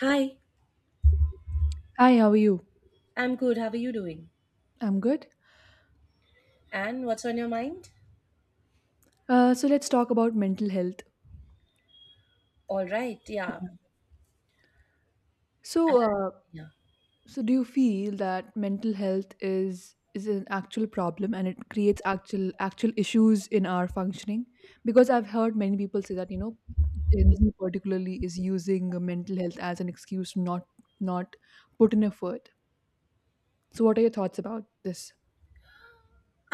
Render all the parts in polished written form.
Hi, Hi, how are you? I'm good. How are you doing? I'm good. And what's on your mind? So let's talk about mental health. All right, yeah. Yeah. And- So, uh, yeah. so do you feel that mental health is an actual problem and it creates actual issues in our functioning? Because I've heard many people say that, Gen Z particularly is using mental health as an excuse to not put in effort. So what are your thoughts about this?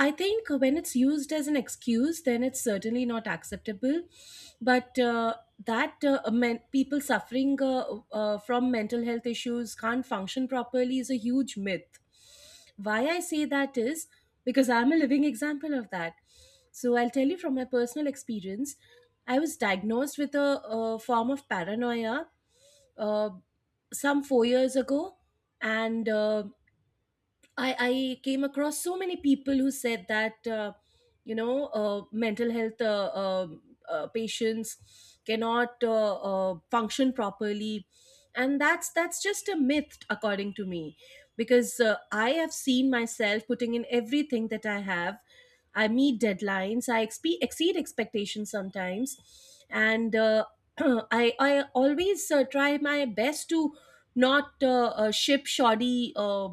I think when it's used as an excuse, then it's certainly not acceptable. But that people suffering from mental health issues can't function properly is a huge myth. Why I say that is because I'm a living example of that. So I'll tell you from my personal experience. I was diagnosed with a form of paranoia uh, some 4 years ago, and I came across so many people who said that mental health patients cannot function properly. And that's just a myth, according to me, because I have seen myself putting in everything that I have. I meet deadlines. I exceed expectations sometimes. And I always try my best to not ship shoddy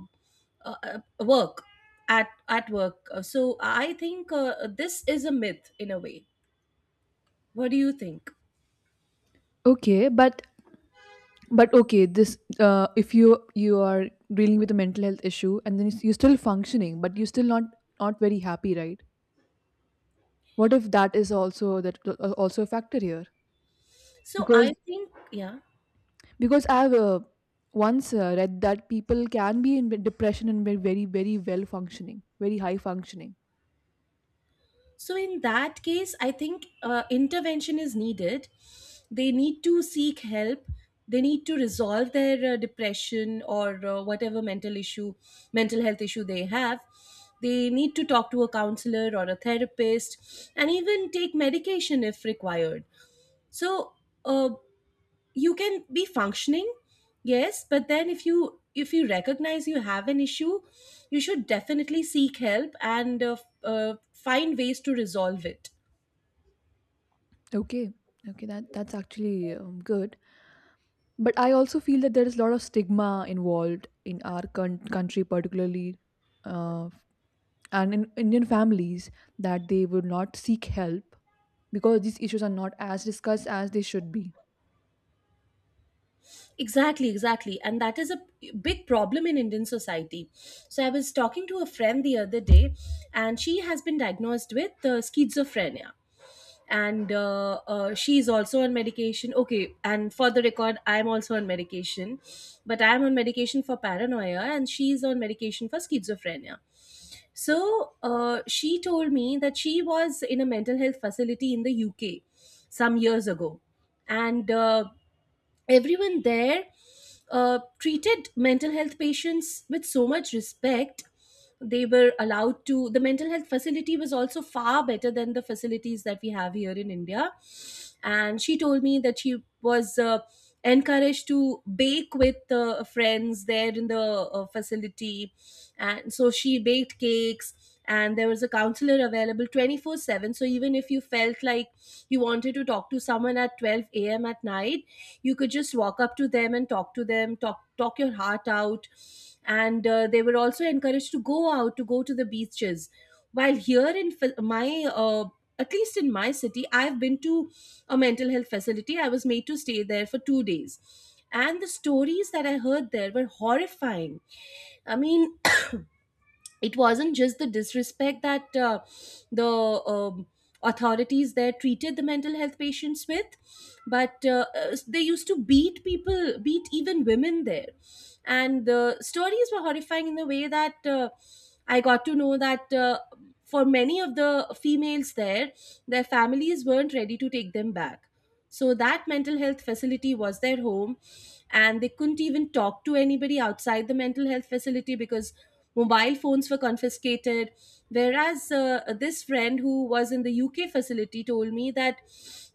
uh, uh, work at work. So I think this is a myth in a way. What do you think? Okay, but okay, this if you are dealing with a mental health issue and then you're still functioning, but you're still not very happy, right? What if that is also, that also, a factor here, So because I think, yeah. because I've once read that people can be in depression and be very, very well functioning, very high functioning. So in that case, I think intervention is needed. They need to seek help. They need to resolve their depression or whatever mental health issue they have. They need to talk to a counselor or a therapist, and even take medication if required. So uh, you can be functioning, yes, but then if you recognize you have an issue, you should definitely seek help and find ways to resolve it. Okay, okay, that's actually good. But I also feel that there is a lot of stigma involved in our country particularly, uh, and in Indian families, that they would not seek help because these issues are not as discussed as they should be. Exactly, exactly. And that is a big problem in Indian society. So I was talking to a friend the other day, and she has been diagnosed with schizophrenia, and she's also on medication, okay, and for the record, I'm also on medication, but I'm on medication for paranoia and she's on medication for schizophrenia. So she told me that she was in a mental health facility in the UK some years ago. And everyone there treated mental health patients with so much respect. They were allowed to the mental health facility was also far better than the facilities that we have here in India. And she told me that she was encouraged to bake with friends there in the facility. And so she baked cakes, and there was a counselor available 24/7. So even if you felt like you wanted to talk to someone at 12 a.m. at night, you could just walk up to them and talk to them, talk your heart out. And they were also encouraged to go out, to go to the beaches. While here in my, uh, at least in my city, I've been to a mental health facility. I was made to stay there for 2 days, and the stories that I heard there were horrifying. I mean, it wasn't just the disrespect that the authorities there treated the mental health patients with, but they used to beat people, beat even women there. And the stories were horrifying in the way that I got to know that for many of the females there, their families weren't ready to take them back. So that mental health facility was their home, and they couldn't even talk to anybody outside the mental health facility, because mobile phones were confiscated. Whereas this friend who was in the UK facility told me that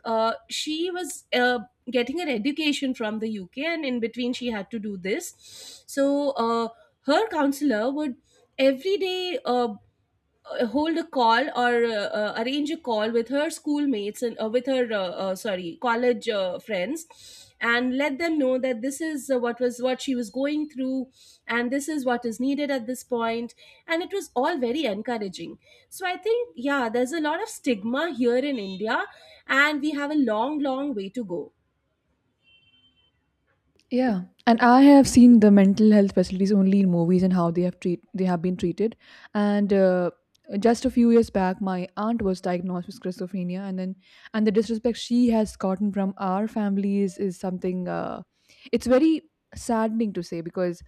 she was getting her education from the UK, and in between, she had to do this. So her counselor would every day hold a call or arrange a call with her schoolmates and with her sorry, college friends, and let them know that this is what she was going through, and this is what is needed at this point. And it was all very encouraging. So I think, yeah, there's a lot of stigma here in India, and we have a long long way to go. Yeah, and I have seen the mental health facilities only in movies and how they have been treated. And just a few years back, my aunt was diagnosed with schizophrenia, and then and the disrespect she has gotten from our families is something, it's very saddening to say. Because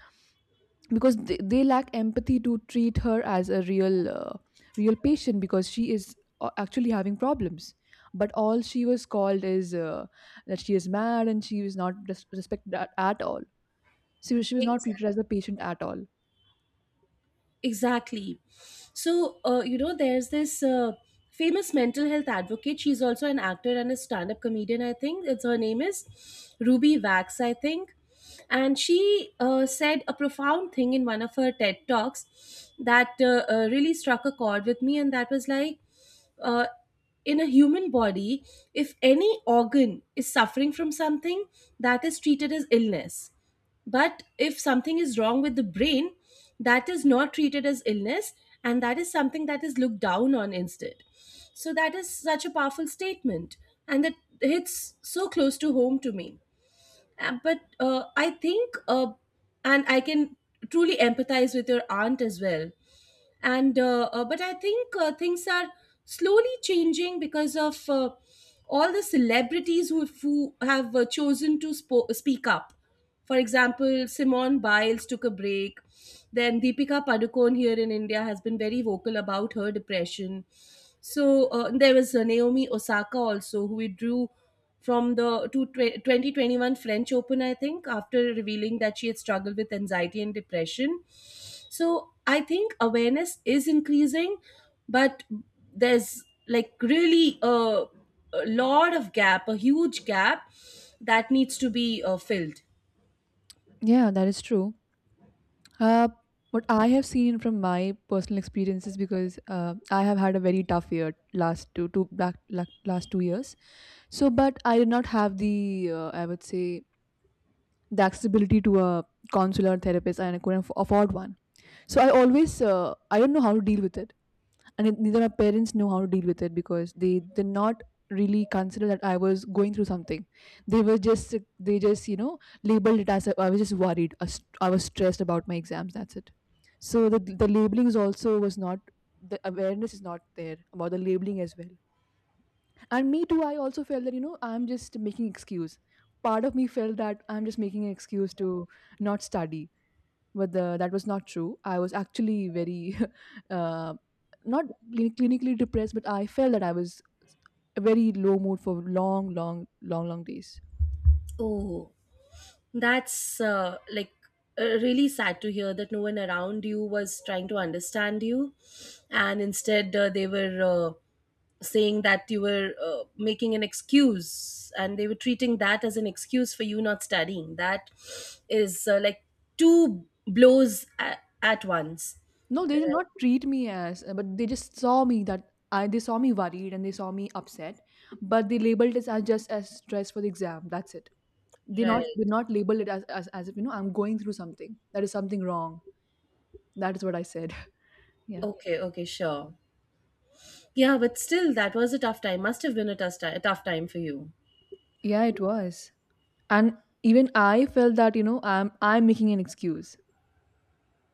they lack empathy to treat her as a real, real patient because she is actually having problems. But all she was called is that she is mad, and she was not respected at all. She was not treated as a patient at all. Exactly. So, there's this famous mental health advocate. She's also an actor and a stand up comedian, I think. Her name is Ruby Wax, I think. And she said a profound thing in one of her TED Talks that really struck a chord with me. And that was like, uh, in a human body, if any organ is suffering from something, that is treated as illness, but if something is wrong with the brain, that is not treated as illness, and that is something that is looked down on instead. So that is such a powerful statement, and that hits so close to home to me. But I think, and I can truly empathize with your aunt as well. And but I think things are slowly changing because of all the celebrities who have chosen to speak up. For example, Simone Biles took a break. Then Deepika Padukone here in India has been very vocal about her depression. So there was Naomi Osaka also, who withdrew from the 2021 French Open, I think, after revealing that she had struggled with anxiety and depression. So I think awareness is increasing, but there's like really a lot of gap, a huge gap that needs to be filled. Yeah, that is true. Uh, what I have seen from my personal experiences, because I have had a very tough year last two two back la- last 2 years. So, but I did not have the, I would say, the accessibility to a consular therapist, and I couldn't afford one. So I don't know how to deal with it. And it, neither my parents know how to deal with it, because they did not really consider that I was going through something. They just, labeled it as a, I was just worried. I was stressed about my exams. That's it. So the labeling is also, was not, the awareness is not there about the labeling as well. And me too. I also felt that, I'm just making excuse. Part of me felt that I'm just making an excuse to not study, but that was not true. I was actually very uh, not clinically depressed, but I felt that I was a very low mood for long, long, long, long days. Oh, that's like really sad to hear that no one around you was trying to understand you, and instead they were saying that you were making an excuse, and they were treating that as an excuse for you not studying. That is like two blows at once. No, they did not treat me as, but they just saw me that they saw me worried and they saw me upset. But they labeled it as, just as stress for the exam. That's it. they not Right. they not labeled it as, as if I'm going through something, that is something wrong. That is what I said. Yeah. Okay. Okay. Sure. Yeah, but still, that was a tough time. Must have been a tough time for you. Yeah, it was. And even I felt that, I'm making an excuse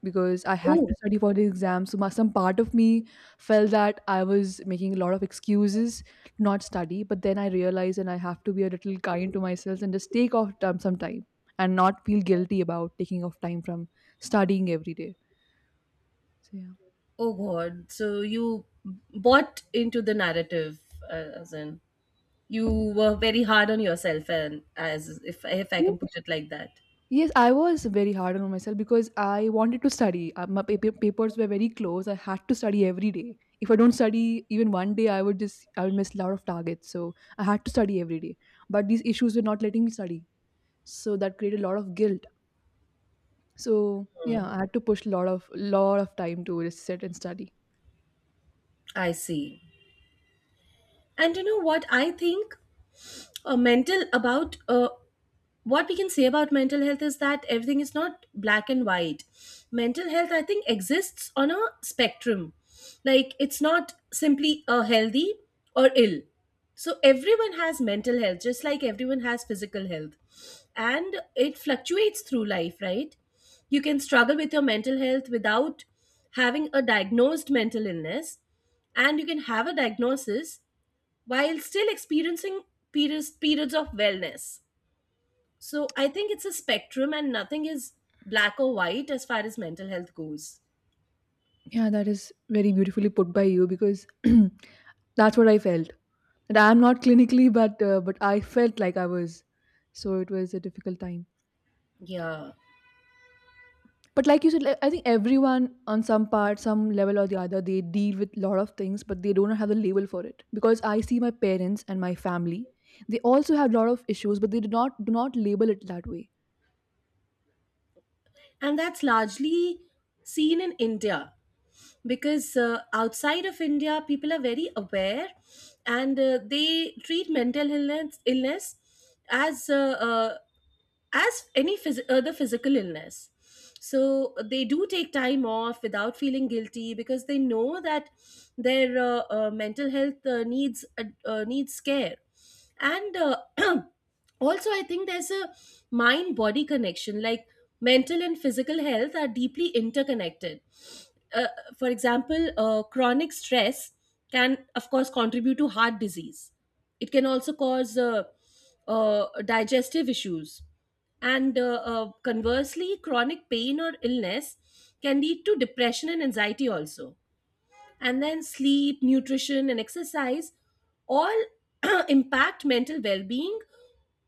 because I had Oh, to study for the exam. So some part of me felt that I was making a lot of excuses to not study. But then I realized and I have to be a little kind to myself and just take off time, some time, and not feel guilty about taking off time from studying every day. So Oh God! So you bought into the narrative, as in you were very hard on yourself, and as if I yeah. can put it like that. Yes, I was very hard on myself because I wanted to study. My papers were very close. I had to study every day. If I don't study even one day, I would miss a lot of targets. So I had to study every day. But these issues were not letting me study, so that created a lot of guilt. So yeah, I had to push a lot of time to just sit and study. I see. And you know what I think? Mental about what we can say about mental health is that everything is not black and white. Mental health, I think, exists on a spectrum. Like, it's not simply a healthy or ill. So everyone has mental health, just like everyone has physical health, and it fluctuates through life, right? You can struggle with your mental health without having a diagnosed mental illness, and you can have a diagnosis while still experiencing periods of wellness. So I think it's a spectrum, and nothing is black or white as far as mental health goes. Yeah, that is very beautifully put by you, because that's what I felt. And I'm not clinically, but I felt like I was. So it was a difficult time. Yeah. But like you said, like, I think everyone on some part, some level or the other, they deal with a lot of things, but they don't have the label for it. Because I see my parents and my family, they also have a lot of issues, but they do not label it that way. And that's largely seen in India, because outside of India, people are very aware, and they treat mental illness as uh, uh, as any other physical illness. So they do take time off without feeling guilty, because they know that their mental health needs care, and also I think there's a mind body connection. Like, mental and physical health are deeply interconnected. Uh, for example, chronic stress can of course contribute to heart disease. It can also cause digestive issues, and conversely, chronic pain or illness can lead to depression and anxiety also. And then sleep, nutrition, and exercise all impact mental well being.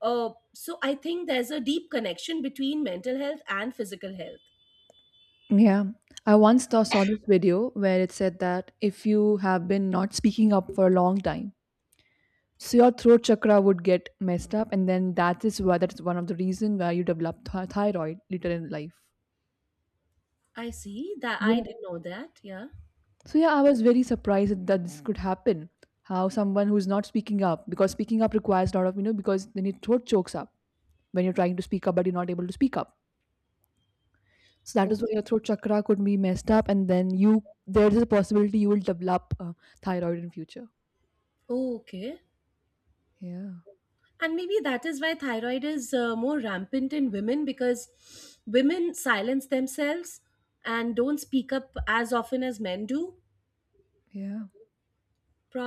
So I think there's a deep connection between mental health and physical health. Yeah. I once saw this video where it said that if you have been not speaking up for a long time, so your throat chakra would get messed up, and then that is one of the reason why you develop thyroid later in life. I see that. I Yeah. didn't know that. Yeah. So yeah, I was very surprised that this could happen. How someone who's not speaking up, because speaking up requires a lot of, because then your throat chokes up when you're trying to speak up, but you're not able to speak up. So that is why Okay. your throat chakra could be messed up, and then you there is a possibility you will develop thyroid in future. Oh, okay. Yeah, And maybe that is why thyroid is more rampant in women, because women silence themselves and don't speak up as often as men do. yeah,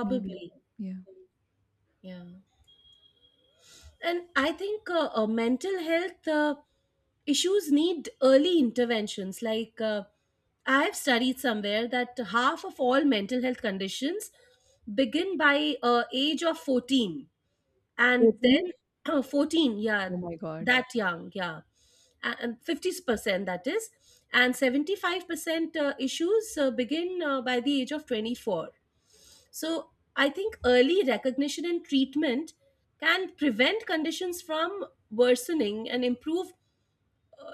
maybe. Yeah, Yeah. And I think mental health issues need early interventions. Like, I've studied somewhere that half of all mental health conditions begin by age of 14, and 14. then 14, yeah, Oh my god, that young, yeah. And 50%, that is, and 75% issues begin by the age of 24. So I think early recognition and treatment can prevent conditions from worsening and improve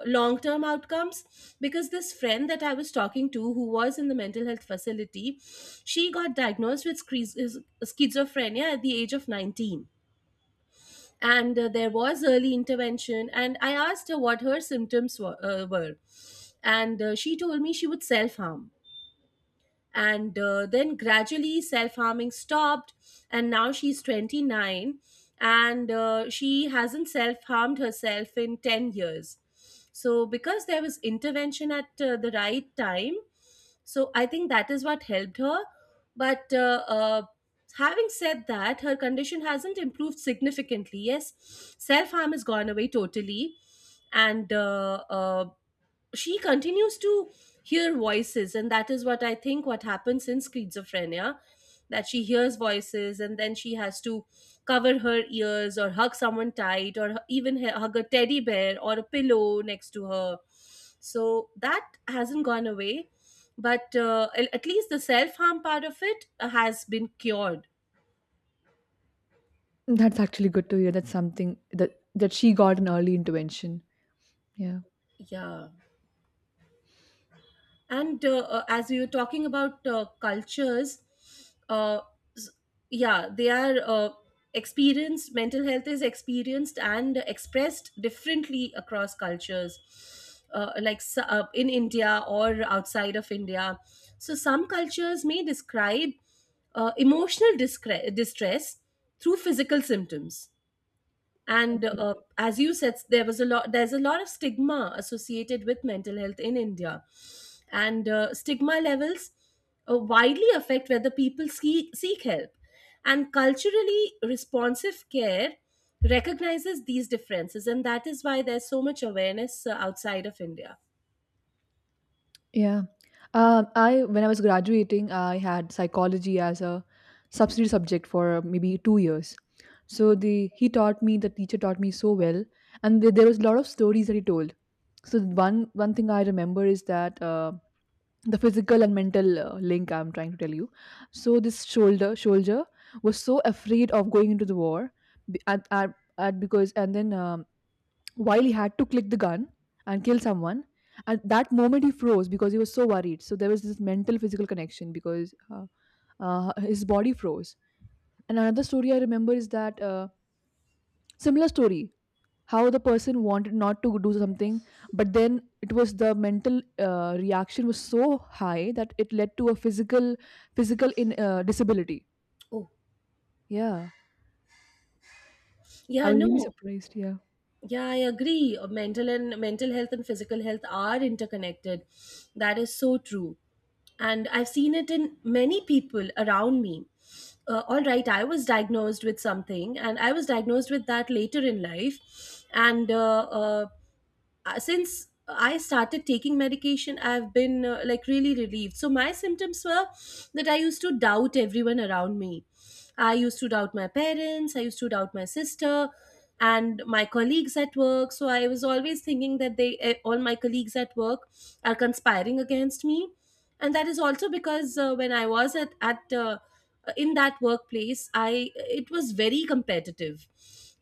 long term outcomes, because this friend that I was talking to, who was in the mental health facility, she got diagnosed with schizophrenia at the age of 19. And there was early intervention, and I asked her what her symptoms were. And she told me she would self harm and then gradually self-harming stopped, and now she's 29, and she hasn't self-harmed herself in 10 years. So because there was intervention at the right time, so I think that is what helped her. But having said that, her condition hasn't improved significantly. Yes, self-harm has gone away totally, and she continues to hear voices, and that is what I think what happens in schizophrenia, that she hears voices and then she has to cover her ears or hug someone tight or hug a teddy bear or a pillow next to her. So that hasn't gone away, but at least the self harm part of it has been cured. that's actually good to hear. That's something that she got an early intervention. Yeah. Yeah. And as we were talking about cultures, uh, s- yeah they are experienced mental health is experienced and expressed differently across cultures, like in India or outside of India. So some cultures may describe emotional distress through physical symptoms. And as you said, there's a lot of stigma associated with mental health in India. And stigma levels widely affect whether people seek help. And culturally responsive care recognizes these differences, and that is why there's so much awareness outside of India. Yeah. I when I was graduating, I had psychology as a substitute subject for maybe 2 years. So the he taught me, the teacher taught me so well, and there was a lot of stories that he told. So one thing I remember is that, the physical and mental, link I'm trying to tell you. So this shoulder soldier was so afraid of going into the war, be- at because and then while he had to click the gun and kill someone. At that moment he froze because he was so worried. So there was this mental physical connection, because his body froze. And another story I remember is that, similar story, how the person wanted not to do something, but then it was the mental, reaction was so high that it led to a physical, in disability. Oh. Yeah, I Yeah, was really no. surprised. Yeah. yeah I agree. Mental health and physical health are interconnected. That is so true, and I've seen it in many people around me. All right, I was diagnosed with something, and I was diagnosed with that later in life. And Since I started taking medication, I've been like really relieved. So my symptoms were that I used to doubt everyone around me. I used to doubt my parents, I used to doubt my sister and my colleagues at work. So I was always thinking that all my colleagues at work are conspiring against me. And that is also because when I was at in that workplace, I it was very competitive.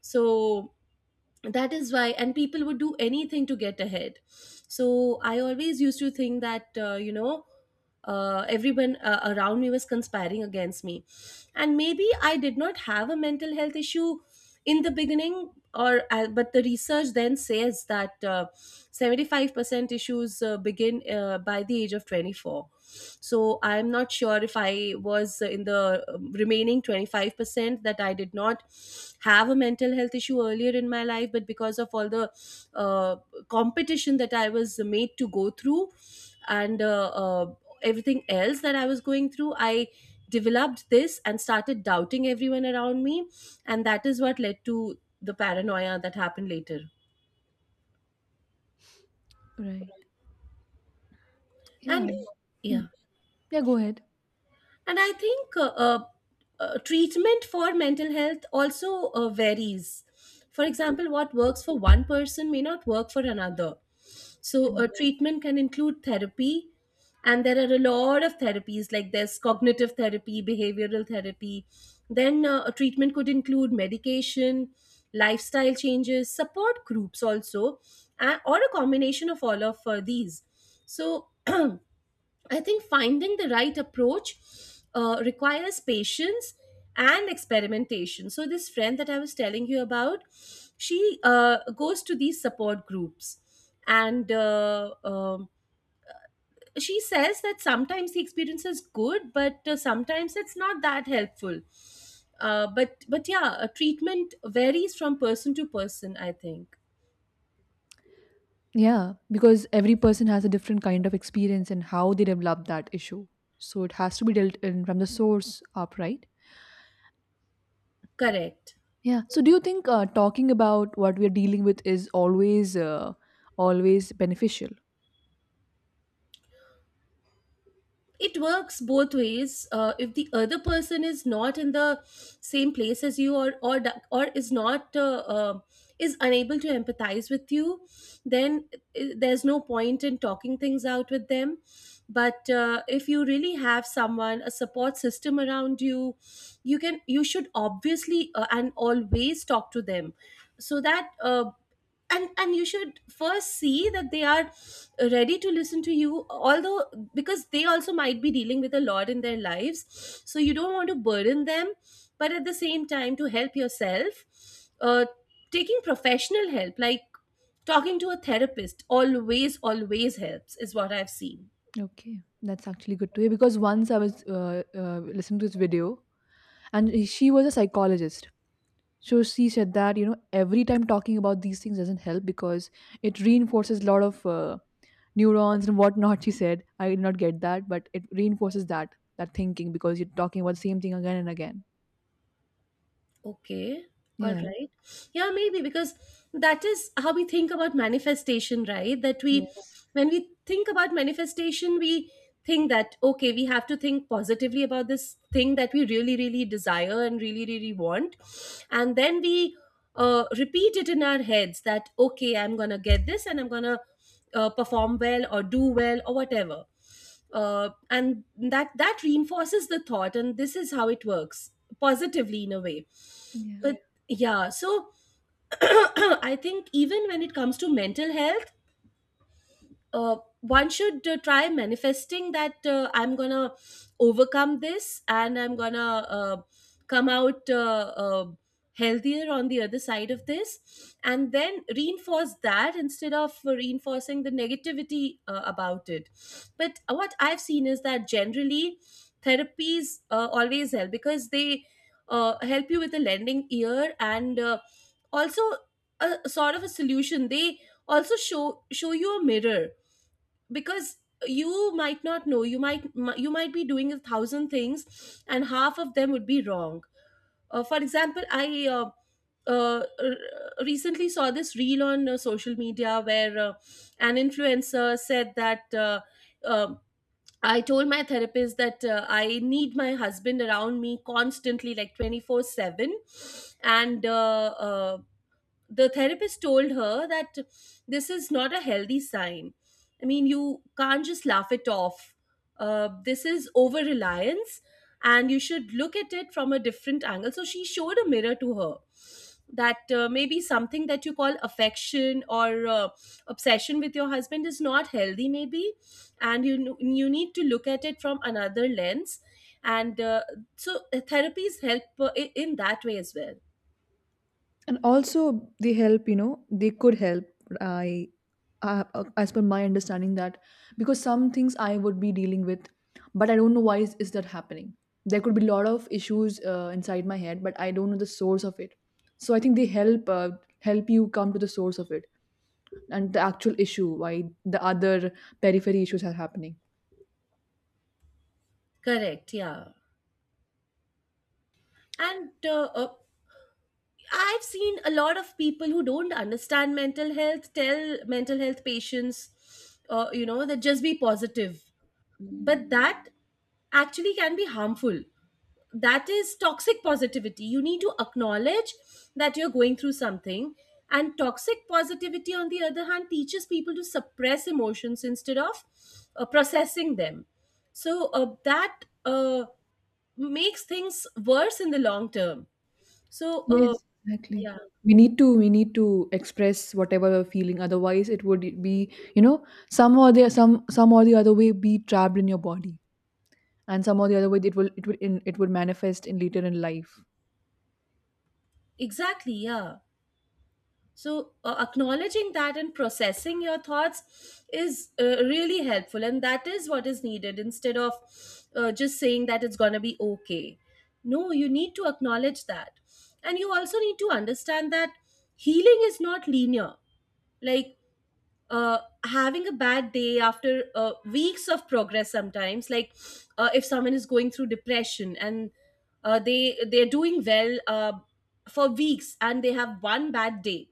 So that is why, and people would do anything to get ahead, so I always used to think that everyone around me was conspiring against me. And maybe I did not have a mental health issue in the beginning, or but the research then says that 75% issues begin by the age of 24. So I'm not sure if I was in the remaining 25% that I did not have a mental health issue earlier in my life, but because of all the uh, competition that I was made to go through and everything else that I was going through, I developed this and started doubting everyone around me, and that is what led to the paranoia that happened later. Right. Yeah. And Hmm. yeah. Yeah, go ahead. And I think treatment for mental health also varies. For example, what works for one person may not work for another. So a treatment can include therapy, and there are a lot of therapies, like there's cognitive therapy, behavioral therapy. Then a treatment could include medication, lifestyle changes, support groups, also or a combination of all of these. So I think finding the right approach requires patience and experimentation. So this friend that I was telling you about, she goes to these support groups and she says that sometimes the experience is good, but sometimes it's not that helpful. But yeah, treatment varies from person to person, I think. Yeah, because every person has a different kind of experience and how they develop that issue. So it has to be dealt in from the source up, right? Correct. Yeah. So do you think, talking about what we are dealing with is always beneficial? It works both ways. If the other person is not in the same place as you, or is not is unable to empathize with you, then there's no point in talking things out with them. But if you really have someone, a support system around you, you can you should obviously and always talk to them, so that and you should first see that they are ready to listen to you, although, because they also might be dealing with a lot in their lives, so you don't want to burden them. But at the same time, to help yourself, uh, taking professional help, like talking to a therapist, always always helps, is what I've seen. Okay, that's actually good to hear because once I was listening to this video, and she was a psychologist. So she said that, every time talking about these things doesn't help because it reinforces a lot of neurons and whatnot. She said I did not get that, but it reinforces that thinking because you're talking about the same thing again and again. Okay. All Yeah. right. Yeah, maybe because that is how we think about manifestation, right? Yes. When we think about manifestation, we think that okay, we have to think positively about this thing that we really, really desire and really, really want. And then we repeat it in our heads that okay, I'm going to get this and I'm going to perform well or do well or whatever. And that reinforces the thought, and this is how it works positively in a way. Yeah. But yeah, so I think even when it comes to mental health, one should try manifesting that I'm gonna overcome this and I'm gonna come out healthier on the other side of this, and then reinforce that instead of reinforcing the negativity about it. But what I've seen is that generally therapies always help because they help you with a lending ear and also a sort of a solution. They also show you a mirror, because you might not know, you might, you might be doing a thousand things and half of them would be wrong. For example, I recently saw this reel on social media where an influencer said that um I told my therapist that I need my husband around me constantly, like 24/7. And the therapist told her that this is not a healthy sign. I mean, you can't just laugh it off. This is over reliance, and you should look at it from a different angle. So she showed a mirror to her, that maybe something that you call affection or obsession with your husband is not healthy, maybe, and you need to look at it from another lens. And so therapies help in that way as well. And also they help, they could help, I uh, as per my understanding, that because some things I would be dealing with, but I don't know why is that happening. There could be a lot of issues inside my head, but I don't know the source of it. So I think they help you come to the source of it, and the actual issue why the other periphery issues are happening. Correct. Yeah. And I've seen a lot of people who don't understand mental health tell mental health patients, you know, that just be positive. But that actually can be harmful. That is toxic positivity. You need to acknowledge that you're going through something. And toxic positivity, on the other hand, teaches people to suppress emotions instead of processing them. So that makes things worse in the long term. So. Yes, exactly. Yeah. We need to express whatever we're feeling. Otherwise, it would be, some or the some or the other way, be trapped in your body, and some or the other way it would manifest in later in life. Exactly, yeah. So, acknowledging that and processing your thoughts is really helpful, and that is what is needed, instead of just saying that it's going to be okay. No, you need to acknowledge that. And you also need to understand that healing is not linear. Like, uh, having a bad day after weeks of progress, sometimes, like, if someone is going through depression and they're doing well for weeks and they have one bad day,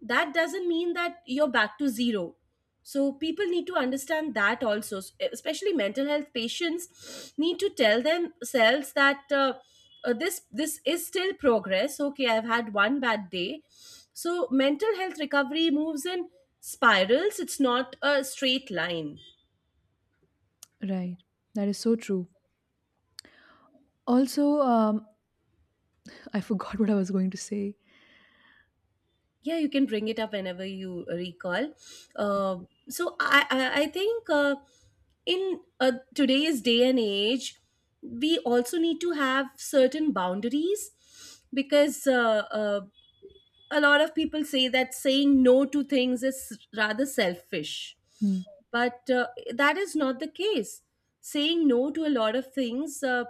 that doesn't mean that you're back to zero. So people need to understand that also. Especially mental health patients need to tell themselves that this is still progress, okay, I've had one bad day. So mental health recovery moves in spirals, it's not a straight line. Right. That is so true. Also, I forgot what I was going to say. Yeah, you can bring it up whenever you recall. Uh, so i i, I think in today's day and age, we also need to have certain boundaries, because a lot of people say that saying no to things is rather selfish. Hmm. But that is not the case. Saying no to a lot of things uh,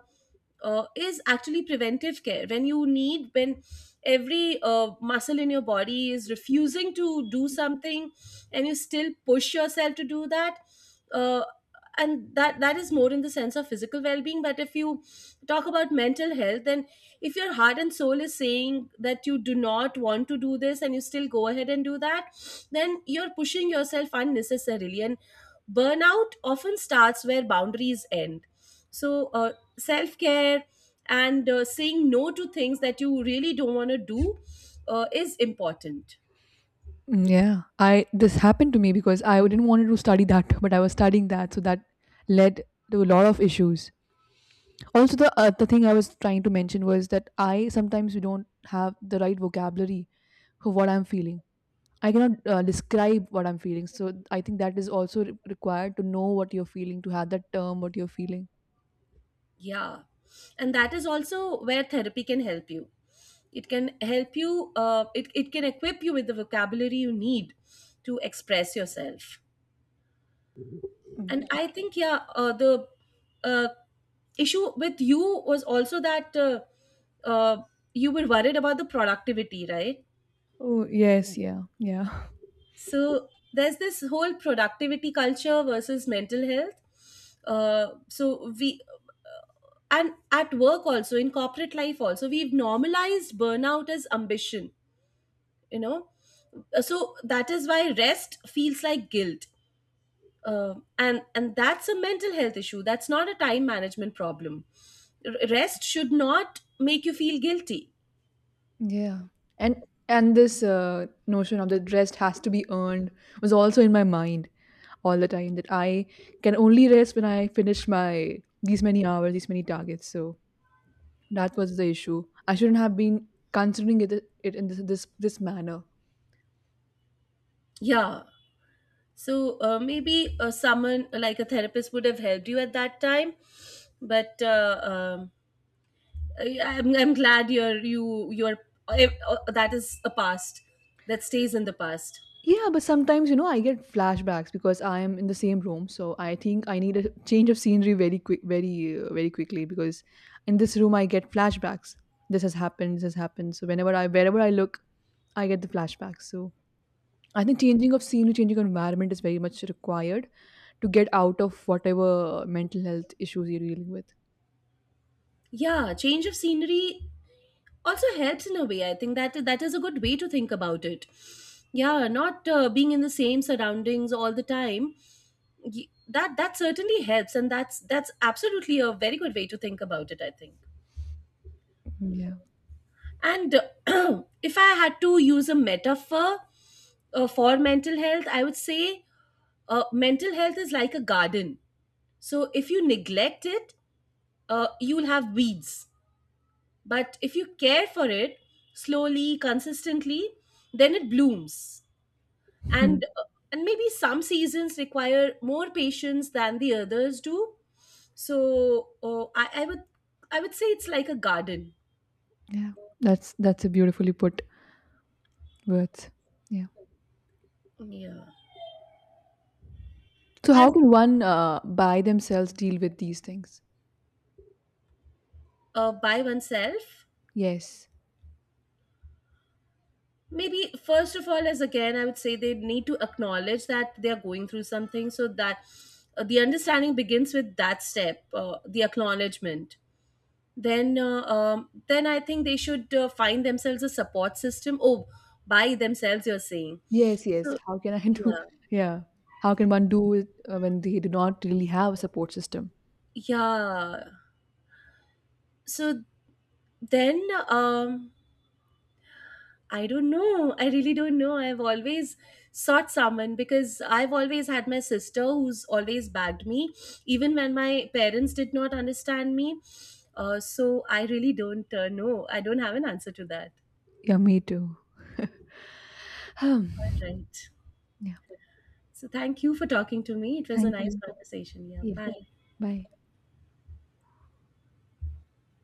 uh, is actually preventive care. When every muscle in your body is refusing to do something and you still push yourself to do that, uh, and that is more in the sense of physical well-being. But if you talk about mental health, then if your heart and soul is saying that you do not want to do this and you still go ahead and do that, then you're pushing yourself unnecessarily, and burnout often starts where boundaries end. So self-care and saying no to things that you really don't want to do is important. Mm, yeah. I This happened to me because I didn't wanted to study that, but I was studying that, so that led to a lot of issues. Also, the thing I was trying to mention was that I sometimes we don't have the right vocabulary for what I'm feeling. I cannot describe what I'm feeling, so I think that is also required to know what you're feeling, to have that term what you're feeling. Yeah, and that is also where therapy can help you. It can help you, it can equip you with the vocabulary you need to express yourself. Mm. And I think yeah, the uh, issue with you was also that uh, you were worried about the productivity, right? Oh yes, yeah, yeah. So there's this whole productivity culture versus mental health. Uh, so we uh, and at work also, in corporate life also, we've normalized burnout as ambition, you know. So that is why rest feels like guilt. And that's a mental health issue, that's not a time management problem. Rest should not make you feel guilty. Yeah. And and this notion of the rest has to be earned, was also in my mind all the time, that I can only rest when I finish my these many hours, these many targets. So that was the issue. I shouldn't have been considering it in this manner. Yeah. So maybe someone like a therapist would have helped you at that time. But I'm glad you're, you you're, that is a past. That stays in the past. Yeah, but sometimes, I get flashbacks because I am in the same room. So I think I need a change of scenery very quickly, because in this room I get flashbacks. This has happened. This has happened. So whenever wherever I look, I get the flashbacks. So I think changing of scenery, changing of environment is very much required to get out of whatever mental health issues you're dealing with. Yeah, change of scenery also helps in a way, I think. That that is a good way to think about it. Yeah, not being in the same surroundings all the time. y- that that certainly helps, and that's absolutely a very good way to think about it, I think. Yeah. And if I had to use a metaphor for mental health, I would say mental health is like a garden. So if you neglect it, you'll have weeds, but if you care for it slowly, consistently, then it blooms. Hmm. And and maybe some seasons require more patience than the others do. So I would, I would say it's like a garden. Yeah. That's a beautifully put words. Yeah. Yeah. So how and can one, by themselves, deal with these things? By oneself, Yes. maybe first of all, as again I would say, they need to acknowledge that they are going through something, so that the understanding begins with that step, the acknowledgement. Then then I think they should find themselves a support system. Oh, by themselves you're saying. Yes, yes. So How can I do? yeah. Yeah. How can one do it, when they do not really have a support system? Yeah. So then, um, I don't know. I really don't know. I've always sought someone because I've always had my sister who's always backed me, even when my parents did not understand me. So I really don't know. I don't have an answer to that. Yeah, me too. Um, Right. yeah. So thank you for talking to me. It was a Thank nice you. conversation. Yeah. Yeah. Bye. Bye.